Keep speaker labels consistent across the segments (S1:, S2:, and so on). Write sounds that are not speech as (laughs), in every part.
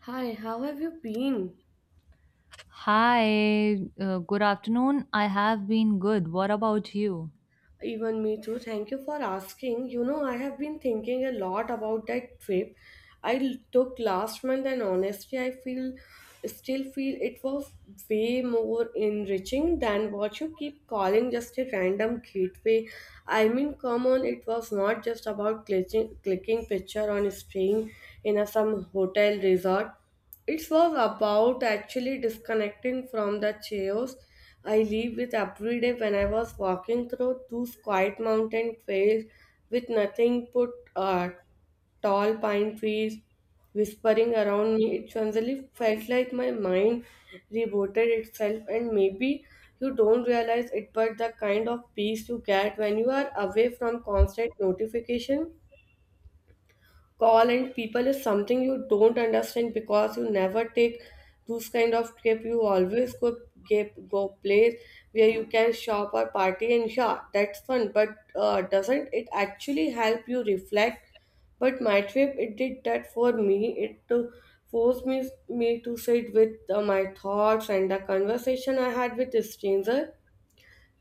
S1: Hi, how have you been?
S2: Hi, good afternoon. I have been good. What about you?
S1: Even me too. Thank you for asking. You know, I have been thinking a lot about that trip took last month, and honestly, I feel still feel it was way more enriching than what you keep calling just a random gateway. I mean, come on, it was not just about clicking picture on staying in some hotel resort. It was about actually disconnecting from the chaos I live with every day when I was walking through those quiet mountain trails with nothing but uh, tall pine trees whispering around me. It suddenly felt like my mind rebooted itself, and maybe you don't realize it, but the kind of peace you get when you are away from constant notification call and people is something you don't understand because you never take those kind of trip. You always go place where you can shop or party, and yeah, that's fun, but doesn't it actually help you reflect? But my trip, it did that for me. It forced me to sit with my thoughts, and the conversation I had with a stranger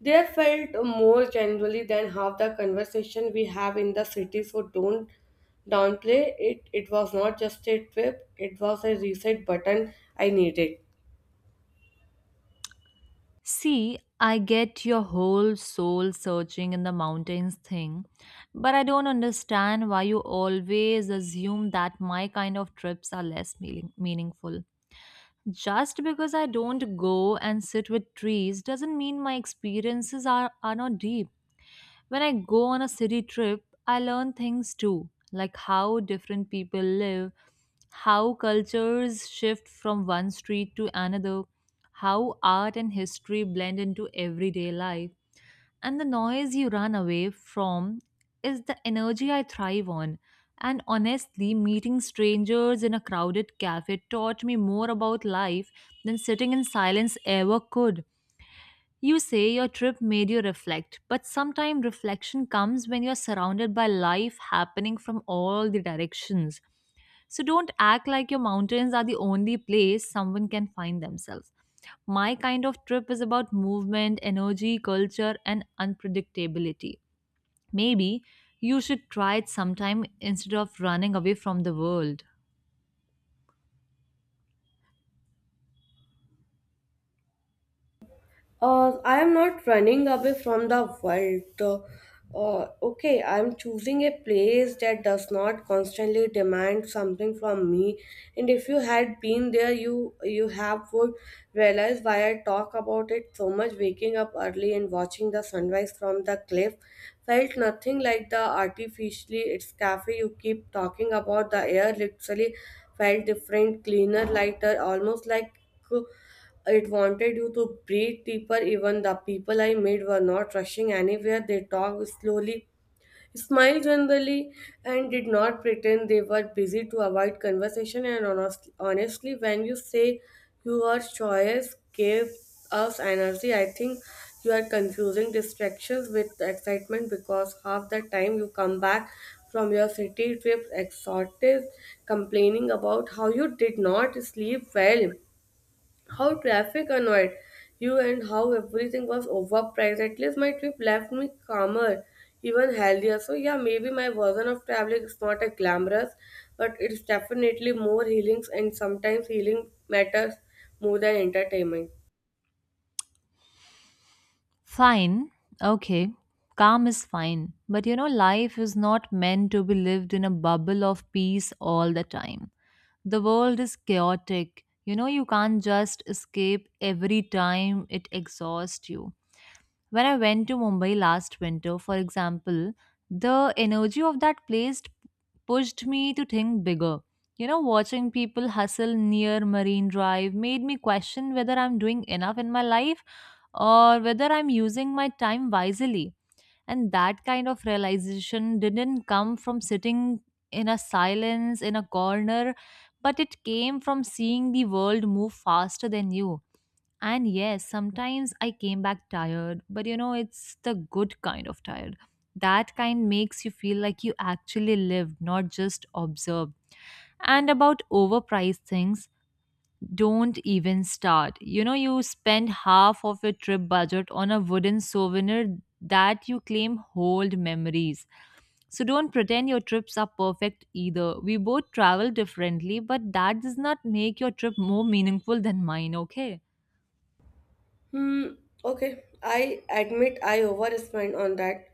S1: there felt more generally than half the conversation we have in the city, so don't downplay it. It was not just a trip, it was a reset button I needed.
S2: See, I get your whole soul searching in the mountains thing, but I don't understand why you always assume that my kind of trips are less meaningful. Just because I don't go and sit with trees doesn't mean my experiences are not deep. When I go on a city trip, I learn things too, like how different people live, how cultures shift from one street to another, how art and history blend into everyday life. And the noise you run away from is the energy I thrive on. And honestly, meeting strangers in a crowded cafe taught me more about life than sitting in silence ever could. You say your trip made you reflect, but sometimes reflection comes when you're surrounded by life happening from all the directions. So don't act like your mountains are the only place someone can find themselves. My kind of trip is about movement, energy, culture, and unpredictability. Maybe you should try it sometime instead of running away from the world.
S1: I am not running away from the world. Okay, I am choosing a place that does not constantly demand something from me. And if you had been there, you have would realize why I talk about it so much. Waking up early and watching the sunrise from the cliff felt nothing like the artificially it's cafe you keep talking about. The air literally felt different, cleaner, lighter, almost like. It wanted you to breathe deeper. Even the people I met were not rushing anywhere. They talked slowly, smiled generally, and did not pretend they were busy to avoid conversation. And honestly, when you say your choice gave us energy, I think you are confusing distractions with excitement, because half the time you come back from your city trip exhausted, complaining about how you did not sleep well, how traffic annoyed you, and how everything was overpriced. At least my trip left me calmer, even healthier. So yeah, maybe my version of traveling is not a glamorous, but it's definitely more healings, and sometimes healing matters more than entertainment.
S2: Fine. Okay. Calm is fine. But you know, life is not meant to be lived in a bubble of peace all the time. The world is chaotic. You know, you can't just escape every time it exhausts you. When I went to Mumbai last winter, for example, the energy of that place pushed me to think bigger. You know, watching people hustle near Marine Drive made me question whether I'm doing enough in my life or whether I'm using my time wisely. And that kind of realization didn't come from sitting in a silence in a corner, but it came from seeing the world move faster than you. And yes, sometimes I came back tired, but you know, it's the good kind of tired. That kind makes you feel like you actually lived, not just observed. And about overpriced things, don't even start. You know, you spend half of your trip budget on a wooden souvenir that you claim hold memories. So don't pretend your trips are perfect either. We both travel differently, but that does not make your trip more meaningful than mine, okay?
S1: Hmm. Okay. I admit I overspent on that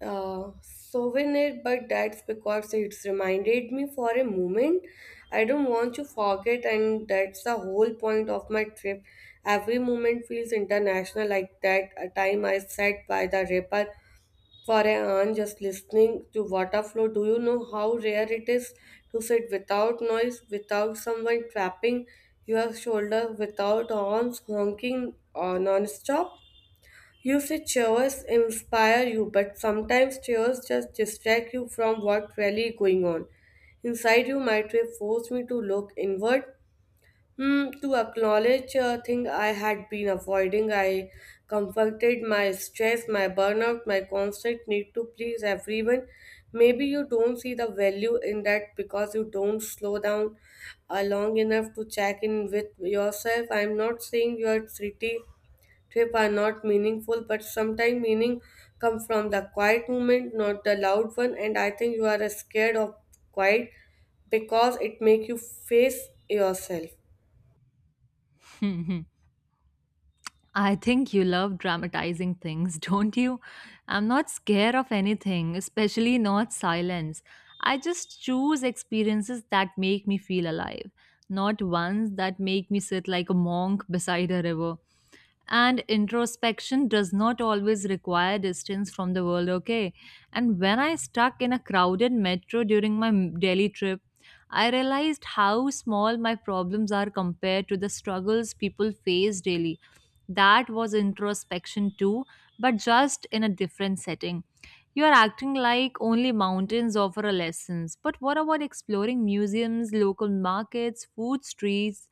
S1: souvenir, but that's because it's reminded me for a moment. I don't want to forget, and that's the whole point of my trip. Every moment feels international, like that time I sat by the river for an hour just listening to water flow. Do you know how rare it is to sit without noise, without someone tapping your shoulder, without horns honking or non-stop? You see, chairs inspire you, but sometimes chairs just distract you from what really going on. Inside you, might have forced me to look inward, hmm, to acknowledge a thing I had been avoiding. I confronted my stress, my burnout, my constant need to please everyone. Maybe you don't see the value in that because you don't slow down long enough to check in with yourself. I'm not saying your city trip are not meaningful, but sometimes meaning come from the quiet moment, not the loud one. And I think you are scared of quiet because it make you face yourself.
S2: (laughs) I think you love dramatizing things, (laughs) don't you? I'm not scared of anything, especially not silence. I just choose experiences that make me feel alive, not ones that make me sit like a monk beside a river. And introspection does not always require distance from the world, okay? And when I stuck in a crowded metro during my Delhi trip, I realized how small my problems are compared to the struggles people face daily. That was introspection too, but just in a different setting. You are acting like only mountains offer a lessons, but what about exploring museums, local markets, food streets,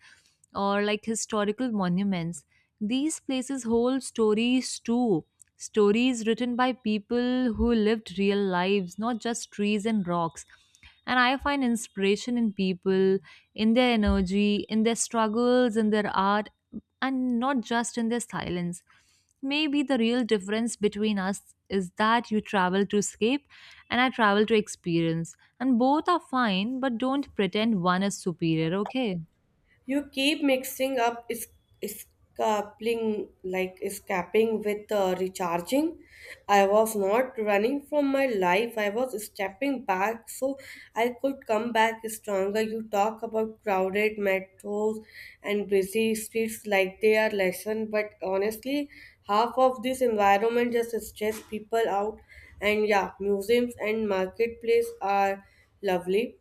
S2: or like historical monuments? These places hold stories too. Stories written by people who lived real lives, not just trees and rocks. And I find inspiration in people, in their energy, in their struggles, in their art, and not just in their silence. Maybe the real difference between us is that you travel to escape and I travel to experience. And both are fine, but don't pretend one is superior, okay?
S1: You keep mixing up is escaping like escaping with recharging. I was not running from my life. I was stepping back so I could come back stronger. You talk about crowded metros and busy streets like they are lesson, but honestly, half of this environment just stress people out. And yeah, museums and marketplace are lovely,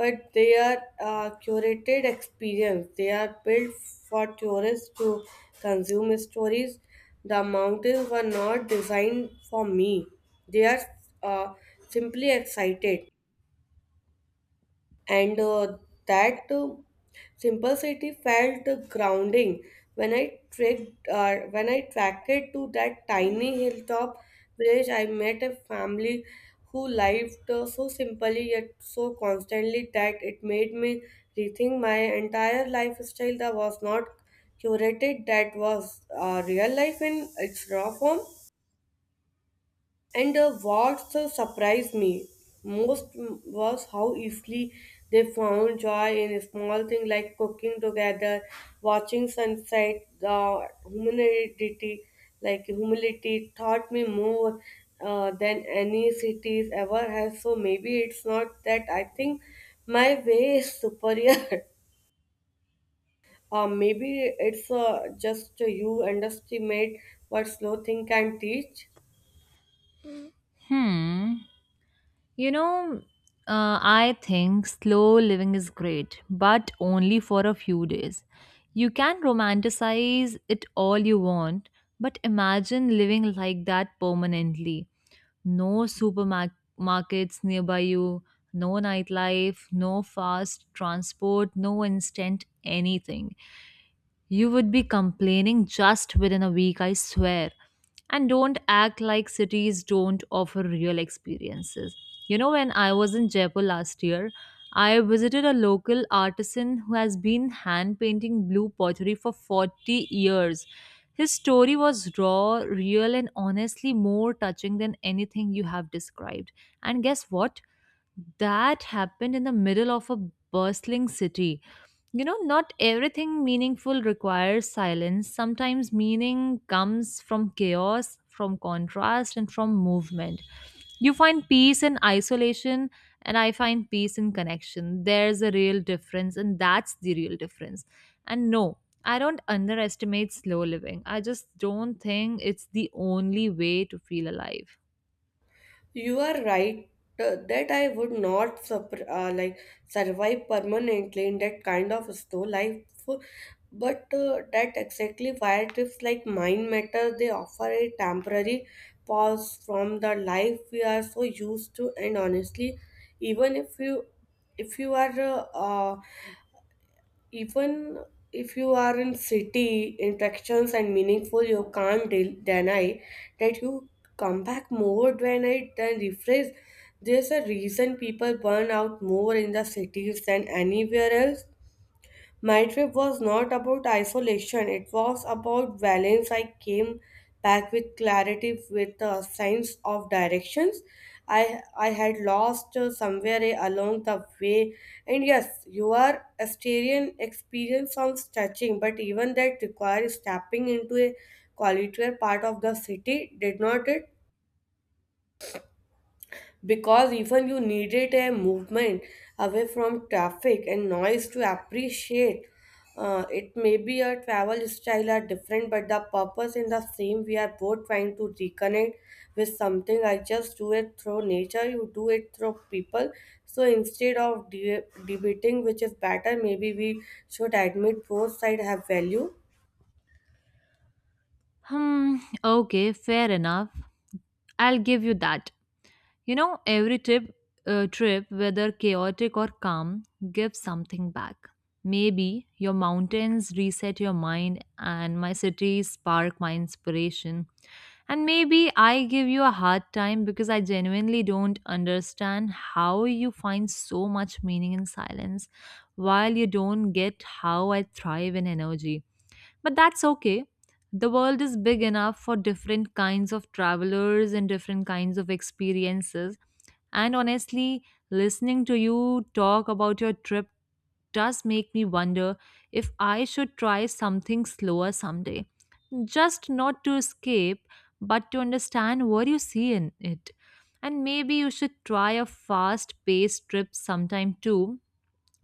S1: but they are curated experience. They are built for tourists to consume stories. The mountains were not designed for me. They are uh, simply excited, and that simplicity felt grounding when I trekked when I tracked to that tiny hilltop village. I met a family who lived so simply yet so constantly that it made me rethink my entire lifestyle. That was not curated, that was real life in its raw form. And what so surprised me most was how easily they found joy in small things, like cooking together, watching sunset. The humility taught me more than any cities ever has. So maybe it's not that I think my way is superior. (laughs) Maybe it's just you underestimate what slow thing can teach.
S2: Hmm. You know, I think slow living is great, but only for a few days. You can romanticize it all you want, but imagine living like that permanently. No supermarkets nearby you, no nightlife, no fast transport, no instant anything. You would be complaining just within a week, I swear. And don't act like cities don't offer real experiences. You know, when I was in Jaipur last year, I visited a local artisan who has been hand painting blue pottery for 40 years. His story was raw, real, and honestly more touching than anything you have described. And guess what? That happened in the middle of a bustling city. Not everything meaningful requires silence. Sometimes meaning comes from chaos, from contrast, and from movement. You find peace in isolation, and I find peace in connection. There's a real difference, and that's the real difference. And no, I don't underestimate slow living. I just don't think it's the only way to feel alive.
S1: You are right that I would not survive permanently in that kind of slow life, but that exactly why trips like mine matter. They offer a temporary pause from the life we are so used to, and honestly, even if you are even if you are in city interactions and meaningful, you can't deny that you come back more when I than rephrase. There's a reason people burn out more in the cities than anywhere else. My trip was not about isolation, it was about balance. I came back with clarity, with a sense of directions. I had lost somewhere along the way. And yes, your Asterian experience sounds touching, but even that requires stepping into a quieter part of the city, did not it? Because even you needed a movement away from traffic and noise to appreciate it. May be your travel style are different, but the purpose in the same. We are both trying to reconnect with something. I just do it through nature, you do it through people. So instead of debating which is better, maybe we should admit both sides have value.
S2: Hmm, okay, fair enough. I'll give you that. You know, every trip, whether chaotic or calm, gives something back. Maybe your mountains reset your mind, and my cities spark my inspiration. And maybe I give you a hard time because I genuinely don't understand how you find so much meaning in silence, while you don't get how I thrive in energy. But that's okay. The world is big enough for different kinds of travelers and different kinds of experiences, and honestly, listening to you talk about your trip does make me wonder if I should try something slower someday. Just not to escape, but to understand what you see in it. And maybe you should try a fast paced trip sometime too,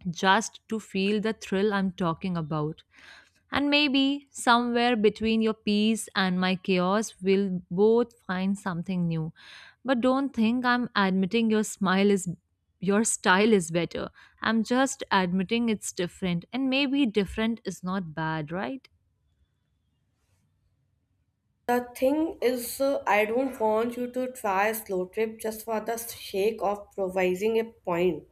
S2: just to feel the thrill I'm talking about. And maybe somewhere between your peace and my chaos, we'll both find something new. But don't think I'm admitting your style is better. I'm just admitting it's different. And maybe different is not bad, right?
S1: The thing is, I don't want you to try a slow trip just for the sake of provising a point.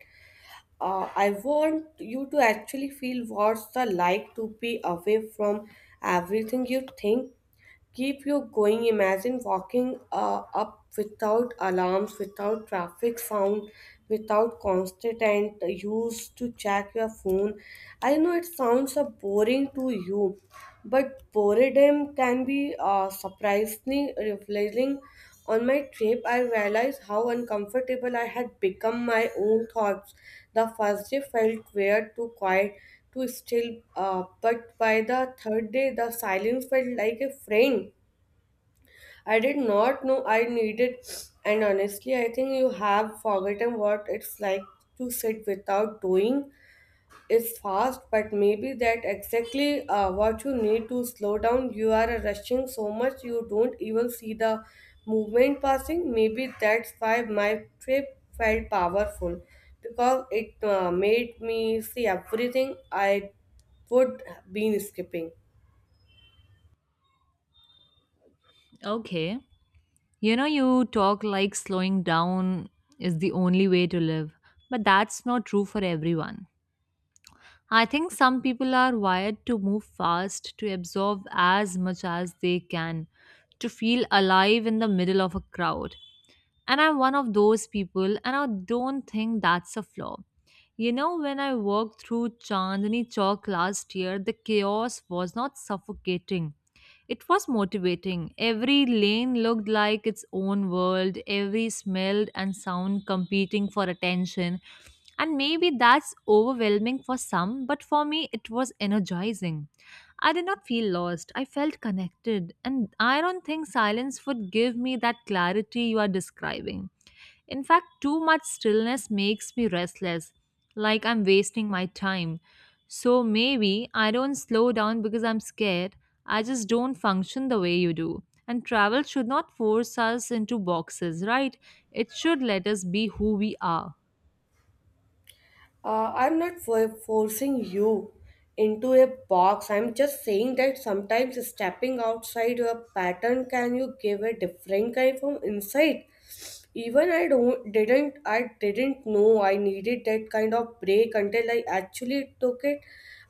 S1: I want you to actually feel what's the like to be away from everything you think keep you going. Imagine walking up without alarms, without traffic sound, without constant and use to check your phone. I know it sounds boring to you, but boredom can be surprisingly revealing. On my trip, I realized how uncomfortable I had become my own thoughts. The first day felt weird, too quiet to still, but by the third day, the silence felt like a friend I did not know I needed, and honestly, I think you have forgotten what it's like to sit without doing. It's fast, but maybe that exactly what you need to slow down. You are rushing so much you don't even see the movement passing. Maybe that's why my trip felt powerful, because it made me see everything I would been skipping.
S2: Okay. You know, you talk like slowing down is the only way to live, but that's not true for everyone. I think some people are wired to move fast, to absorb as much as they can, to feel alive in the middle of a crowd. And I'm one of those people, and I don't think that's a flaw. You know, when I walked through Chandni Chowk last year, the chaos was not suffocating. It was motivating. Every lane looked like its own world, every smell and sound competing for attention. And maybe that's overwhelming for some, but for me, it was energizing. I did not feel lost. I felt connected. And I don't think silence would give me that clarity you are describing. In fact, too much stillness makes me restless, like I'm wasting my time. So maybe I don't slow down because I'm scared. I just don't function the way you do. And travel should not force us into boxes, right? It should let us be who we are.
S1: I'm not forcing you into a box. I'm just saying that sometimes stepping outside your pattern can you give a different kind of insight. Even I didn't know I needed that kind of break until I actually took it.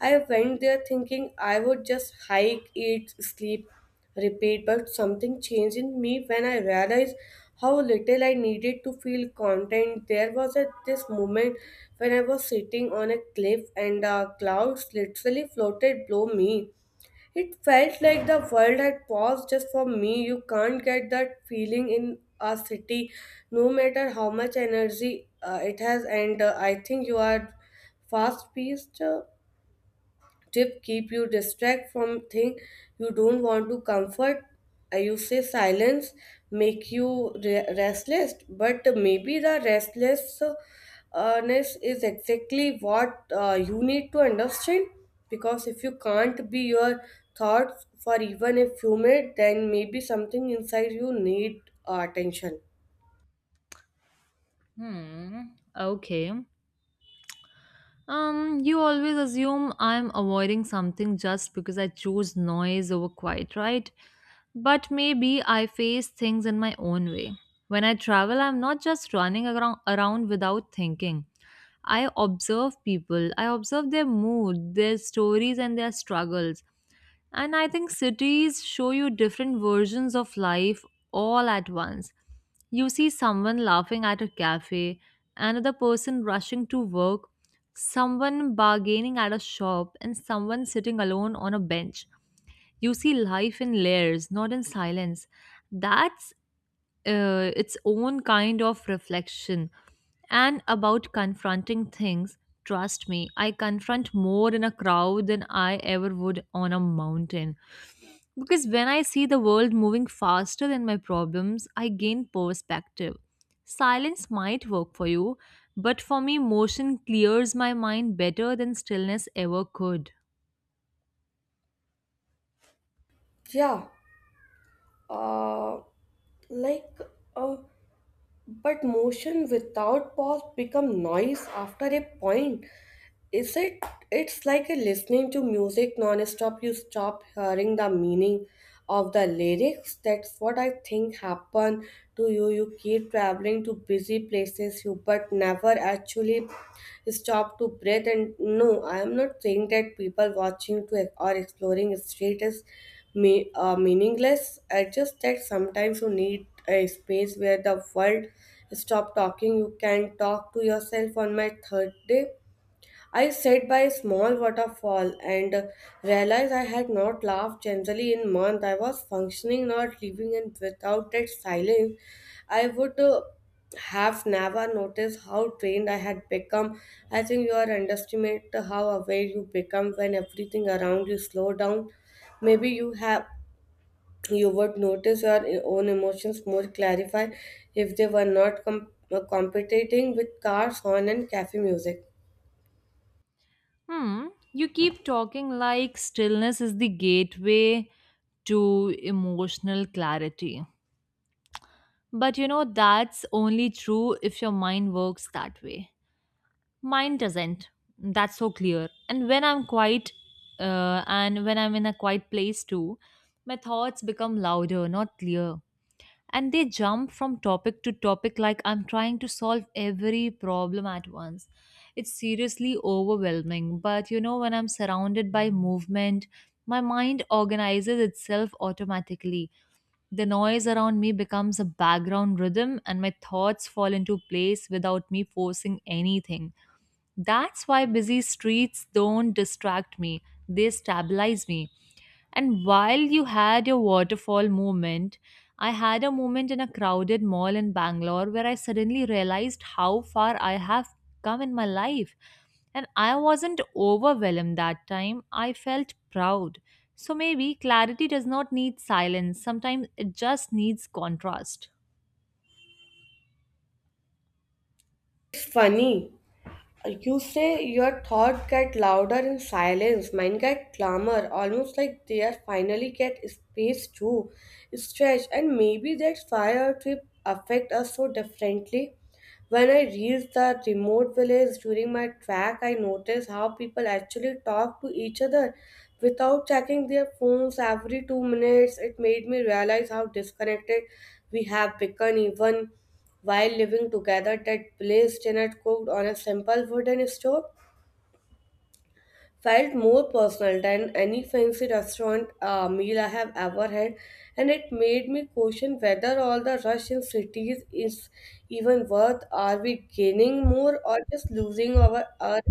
S1: I went there thinking I would just hike, eat, sleep, repeat, but something changed in me when I realized how little I needed to feel content. There was at this moment when I was sitting on a cliff and the clouds literally floated below me, it felt like the world had paused just for me. You can't get that feeling in a city, no matter how much energy it has. And I think you are fast paced tip keep you distract from thing you don't want to comfort. I you say silence make you restless, but maybe the restlessness is exactly what you need to understand, because if you can't be your thoughts for even a few minutes, then maybe something inside you need attention.
S2: Hmm. Okay. You always assume I'm avoiding something just because I choose noise over quiet, right? But maybe I face things in my own way. When I travel, I'm not just running around without thinking. I observe people, I observe their mood, their stories, and their struggles. And I think cities show you different versions of life all at once. You see someone laughing at a cafe, another person rushing to work, someone bargaining at a shop, and someone sitting alone on a bench. You see life in layers, not in silence. That's its own kind of reflection. And about confronting things, trust me, I confront more in a crowd than I ever would on a mountain, because when I see the world moving faster than my problems, I gain perspective. Silence might work for you, but for me, motion clears my mind better than stillness ever could.
S1: Yeah. uh, like uh, But motion without pause become noise after a point. Is it? It's like a listening to music non-stop. You stop hearing the meaning of the lyrics. That's what I think happened to you. You keep traveling to busy places, you but never actually stop to breathe. And no, I am not saying that people watching to or exploring street is me meaningless. I just that sometimes you need a space where the world stop talking. You can talk to yourself. On my third day I sat by a small waterfall and realized I had not laughed generally in months. I was functioning, not living, and without that silence, I would have never noticed how trained I had become. I think you are underestimate how aware you become when everything around you slow down. Maybe you would notice your own emotions more clarified if they were not competing with cars, horn, and cafe music.
S2: Hmm, you keep talking like stillness is the gateway to emotional clarity. But you know, that's only true if your mind works that way. Mine doesn't. That's so clear. And when I'm in a quiet place too, my thoughts become louder, not clear. And they jump from topic to topic like I'm trying to solve every problem at once. It's seriously overwhelming. But you know, when I'm surrounded by movement, my mind organizes itself automatically. The noise around me becomes a background rhythm, and my thoughts fall into place without me forcing anything. That's why busy streets don't distract me, they stabilize me. And while you had your waterfall moment, I had a moment in a crowded mall in Bangalore where I suddenly realized how far I have come in my life. And I wasn't overwhelmed that time, I felt proud. So maybe clarity does not need silence, sometimes it just needs contrast.
S1: It's funny. You say your thoughts get louder in silence, mine get clamor, almost like they are finally get space to stretch, and maybe that's why our trip affect us so differently. When I reached the remote village during my trek, I noticed how people actually talk to each other without checking their phones every 2 minutes. It made me realize how disconnected we have become, even while living together. That place dinner cooked on a simple wooden stove felt more personal than any fancy restaurant meal I have ever had, and it made me question whether all the rush in cities is even worth. Are we gaining more or just losing our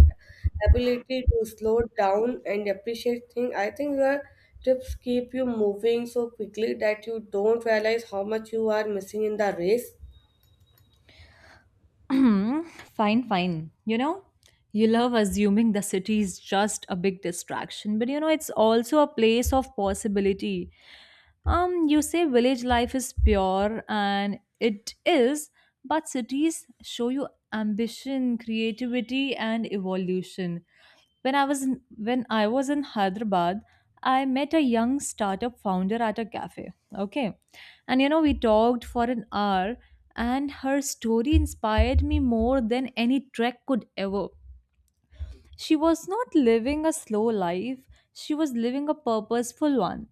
S1: ability to slow down and appreciate things? I think your trips keep you moving so quickly that you don't realize how much you are missing in the race.
S2: (clears throat) Hmm, fine, fine. You know, you love assuming the city is just a big distraction, but you know, it's also a place of possibility. You say village life is pure, and it is, but cities show you ambition, creativity, and evolution. When I was in Hyderabad, I met a young startup founder at a cafe. Okay, and you know, we talked for an hour and her story inspired me more than any trek could ever. She was not living a slow life, she was living a purposeful one.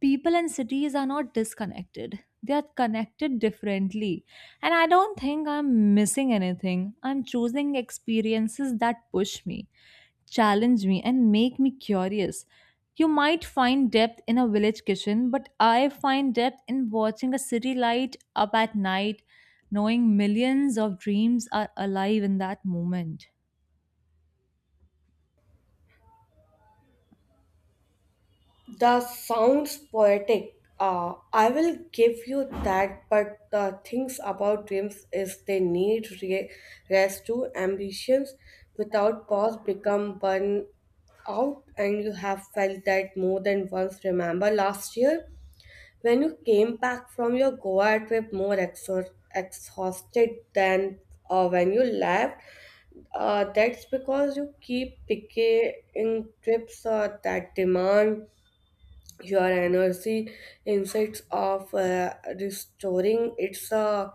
S2: People and cities are not disconnected, they are connected differently. And I don't think I'm missing anything. I'm choosing experiences that push me, challenge me, and make me curious. You might find depth in a village kitchen, but I find depth in watching a city light up at night, knowing millions of dreams are alive in that moment.
S1: That sounds poetic. I will give you that, but the things about dreams is they need rest too. Ambitions without pause become burn out, and you have felt that more than once. Remember last year when you came back from your Goa trip more exhausted than when you left? That's because you keep picking trips that demand your energy insights of restoring it's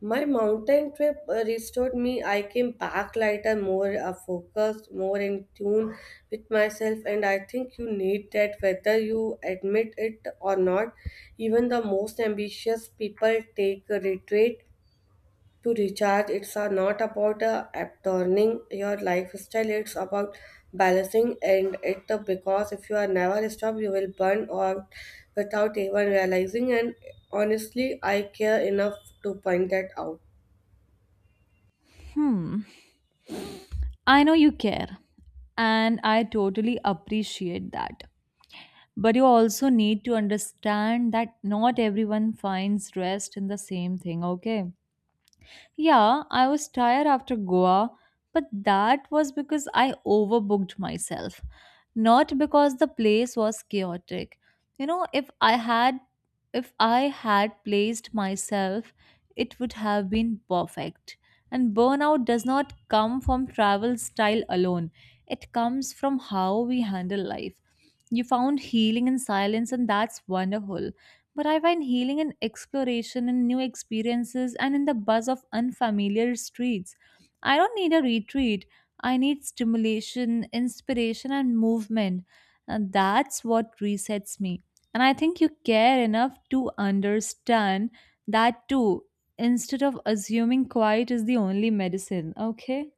S1: my mountain trip restored me. I came back lighter, more focused, more in tune with myself, and I think you need that whether you admit it or not. Even the most ambitious people take a retreat to recharge. It's not about turning your lifestyle, it's about balancing, and it because if you are never stop, you will burn out without even realizing. And honestly, I care enough to point that out.
S2: Hmm, I know you care, and I totally appreciate that. But you also need to understand that not everyone finds rest in the same thing, okay? Yeah, I was tired after Goa, but that was because I overbooked myself, not because the place was chaotic. You know, if I had placed myself, it would have been perfect. And burnout does not come from travel style alone. It comes from how we handle life. You found healing in silence and that's wonderful. But I find healing in exploration, in new experiences, and in the buzz of unfamiliar streets. I don't need a retreat. I need stimulation, inspiration, and movement. And that's what resets me. And I think you care enough to understand that too, instead of assuming quiet is the only medicine. Okay?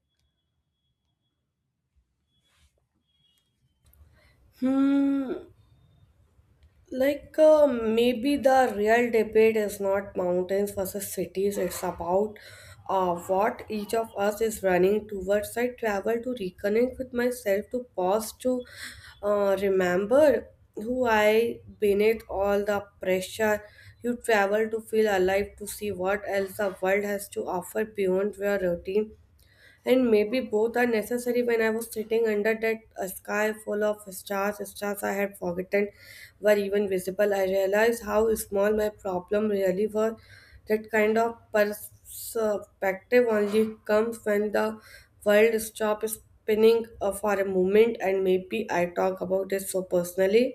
S1: Hmm. Like maybe the real debate is not mountains versus cities. It's about what each of us is running towards. I travel to reconnect with myself, to pause, to remember who I beneath all the pressure. You travel to feel alive, to see what else the world has to offer beyond your routine, and maybe both are necessary. When I was sitting under that sky full of stars I had forgotten were even visible, I realized how small my problem really were. That kind of perspective only comes when the world stops spinning for a moment, and maybe I talk about it so personally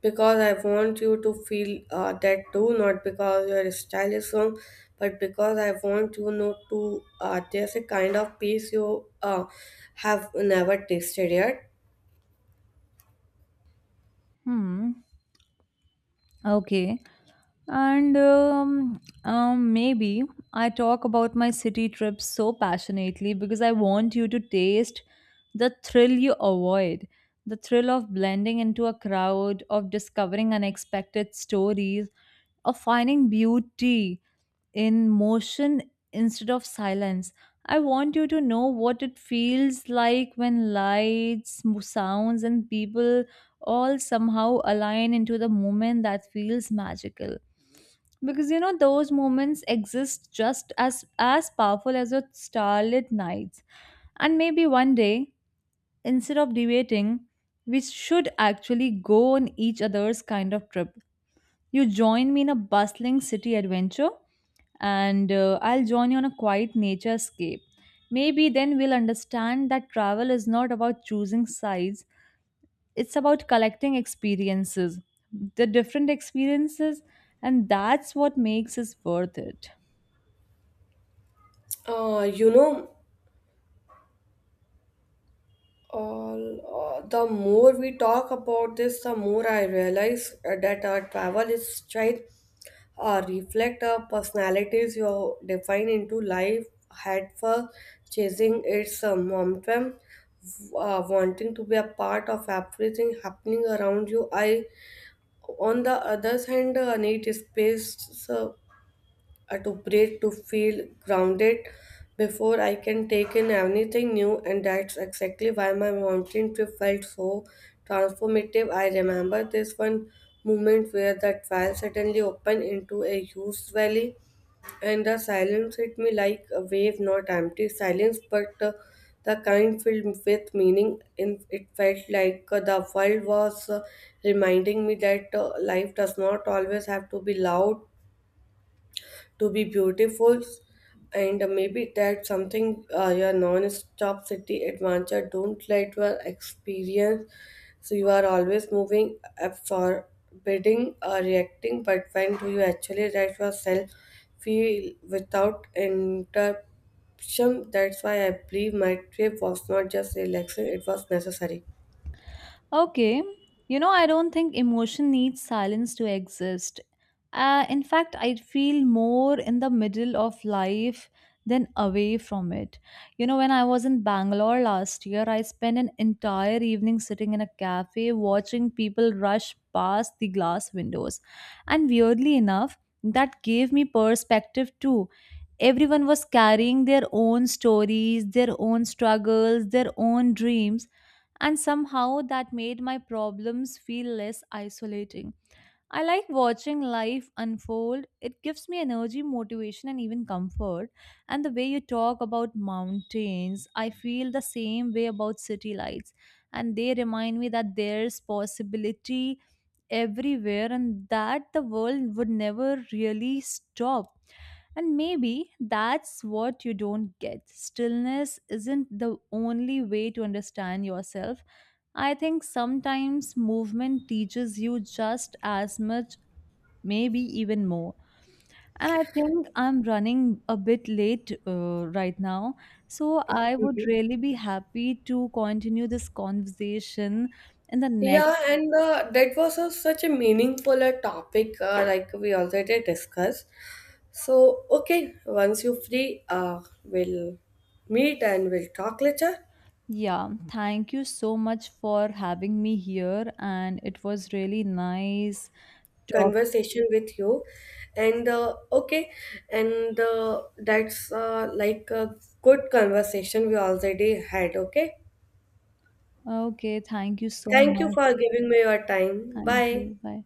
S1: because I want you to feel that too, not because your style is wrong, but because I want you know to. There's a kind of peace you have never tasted yet.
S2: Hmm. Okay. And maybe I talk about my city trips so passionately because I want you to taste the thrill you avoid, the thrill of blending into a crowd, of discovering unexpected stories, of finding beauty in motion instead of silence. I want you to know what it feels like when lights, sounds, and people all somehow align into the moment that feels magical, because you know those moments exist just as powerful as your starlit nights. And maybe one day, instead of debating, we should actually go on each other's kind of trip. You join me in a bustling city adventure, and I'll join you on a quiet nature escape. Maybe then we'll understand that travel is not about choosing sides, it's about collecting experiences, the different experiences, and that's what makes it worth it.
S1: You know, all the more we talk about this, the more I realize that our travel is trying reflect our personalities. You define into life had for chasing its momentum, wanting to be a part of everything happening around you. I on the other hand need space to breathe, to feel grounded before I can take in anything new, and that's exactly why my mountain trip felt so transformative. I remember this one moment where the trail suddenly opened into a huge valley, and the silence hit me like a wave, not empty silence, but the kind filled with meaning. In it felt like the world was reminding me that life does not always have to be loud to be beautiful, and maybe that's something your non-stop city adventure don't let your experience. So you are always moving, absorbing or reacting, but when do you actually let yourself feel without interruption? That's why I believe my trip was not just relaxing, it was necessary.
S2: Okay. You know, I don't think emotion needs silence to exist. In fact, I feel more in the middle of life than away from it. You know, when I was in Bangalore last year, I spent an entire evening sitting in a cafe watching people rush past the glass windows. And weirdly enough, that gave me perspective too. Everyone was carrying their own stories, their own struggles, their own dreams, and somehow that made my problems feel less isolating. I like watching life unfold. It gives me energy, motivation, and even comfort. And the way you talk about mountains, I feel the same way about city lights. And they remind me that there's possibility everywhere and that the world would never really stop. And maybe that's what you don't get. Stillness isn't the only way to understand yourself. I think sometimes movement teaches you just as much, maybe even more. And I think I'm running a bit late right now. So I would really be happy to continue this conversation in the
S1: Yeah,
S2: next.
S1: and that was a, such a meaningful topic, like we already discussed. So, okay, once you're free, we'll meet and we'll talk later.
S2: Yeah, thank you so much for having me here. And it was really nice talk.
S1: Conversation with you, and okay, and that's like a good conversation we already had. Okay,
S2: Okay, thank you so
S1: thank you
S2: much.
S1: for giving me your time.
S2: Thank
S1: Bye.
S2: you. Bye.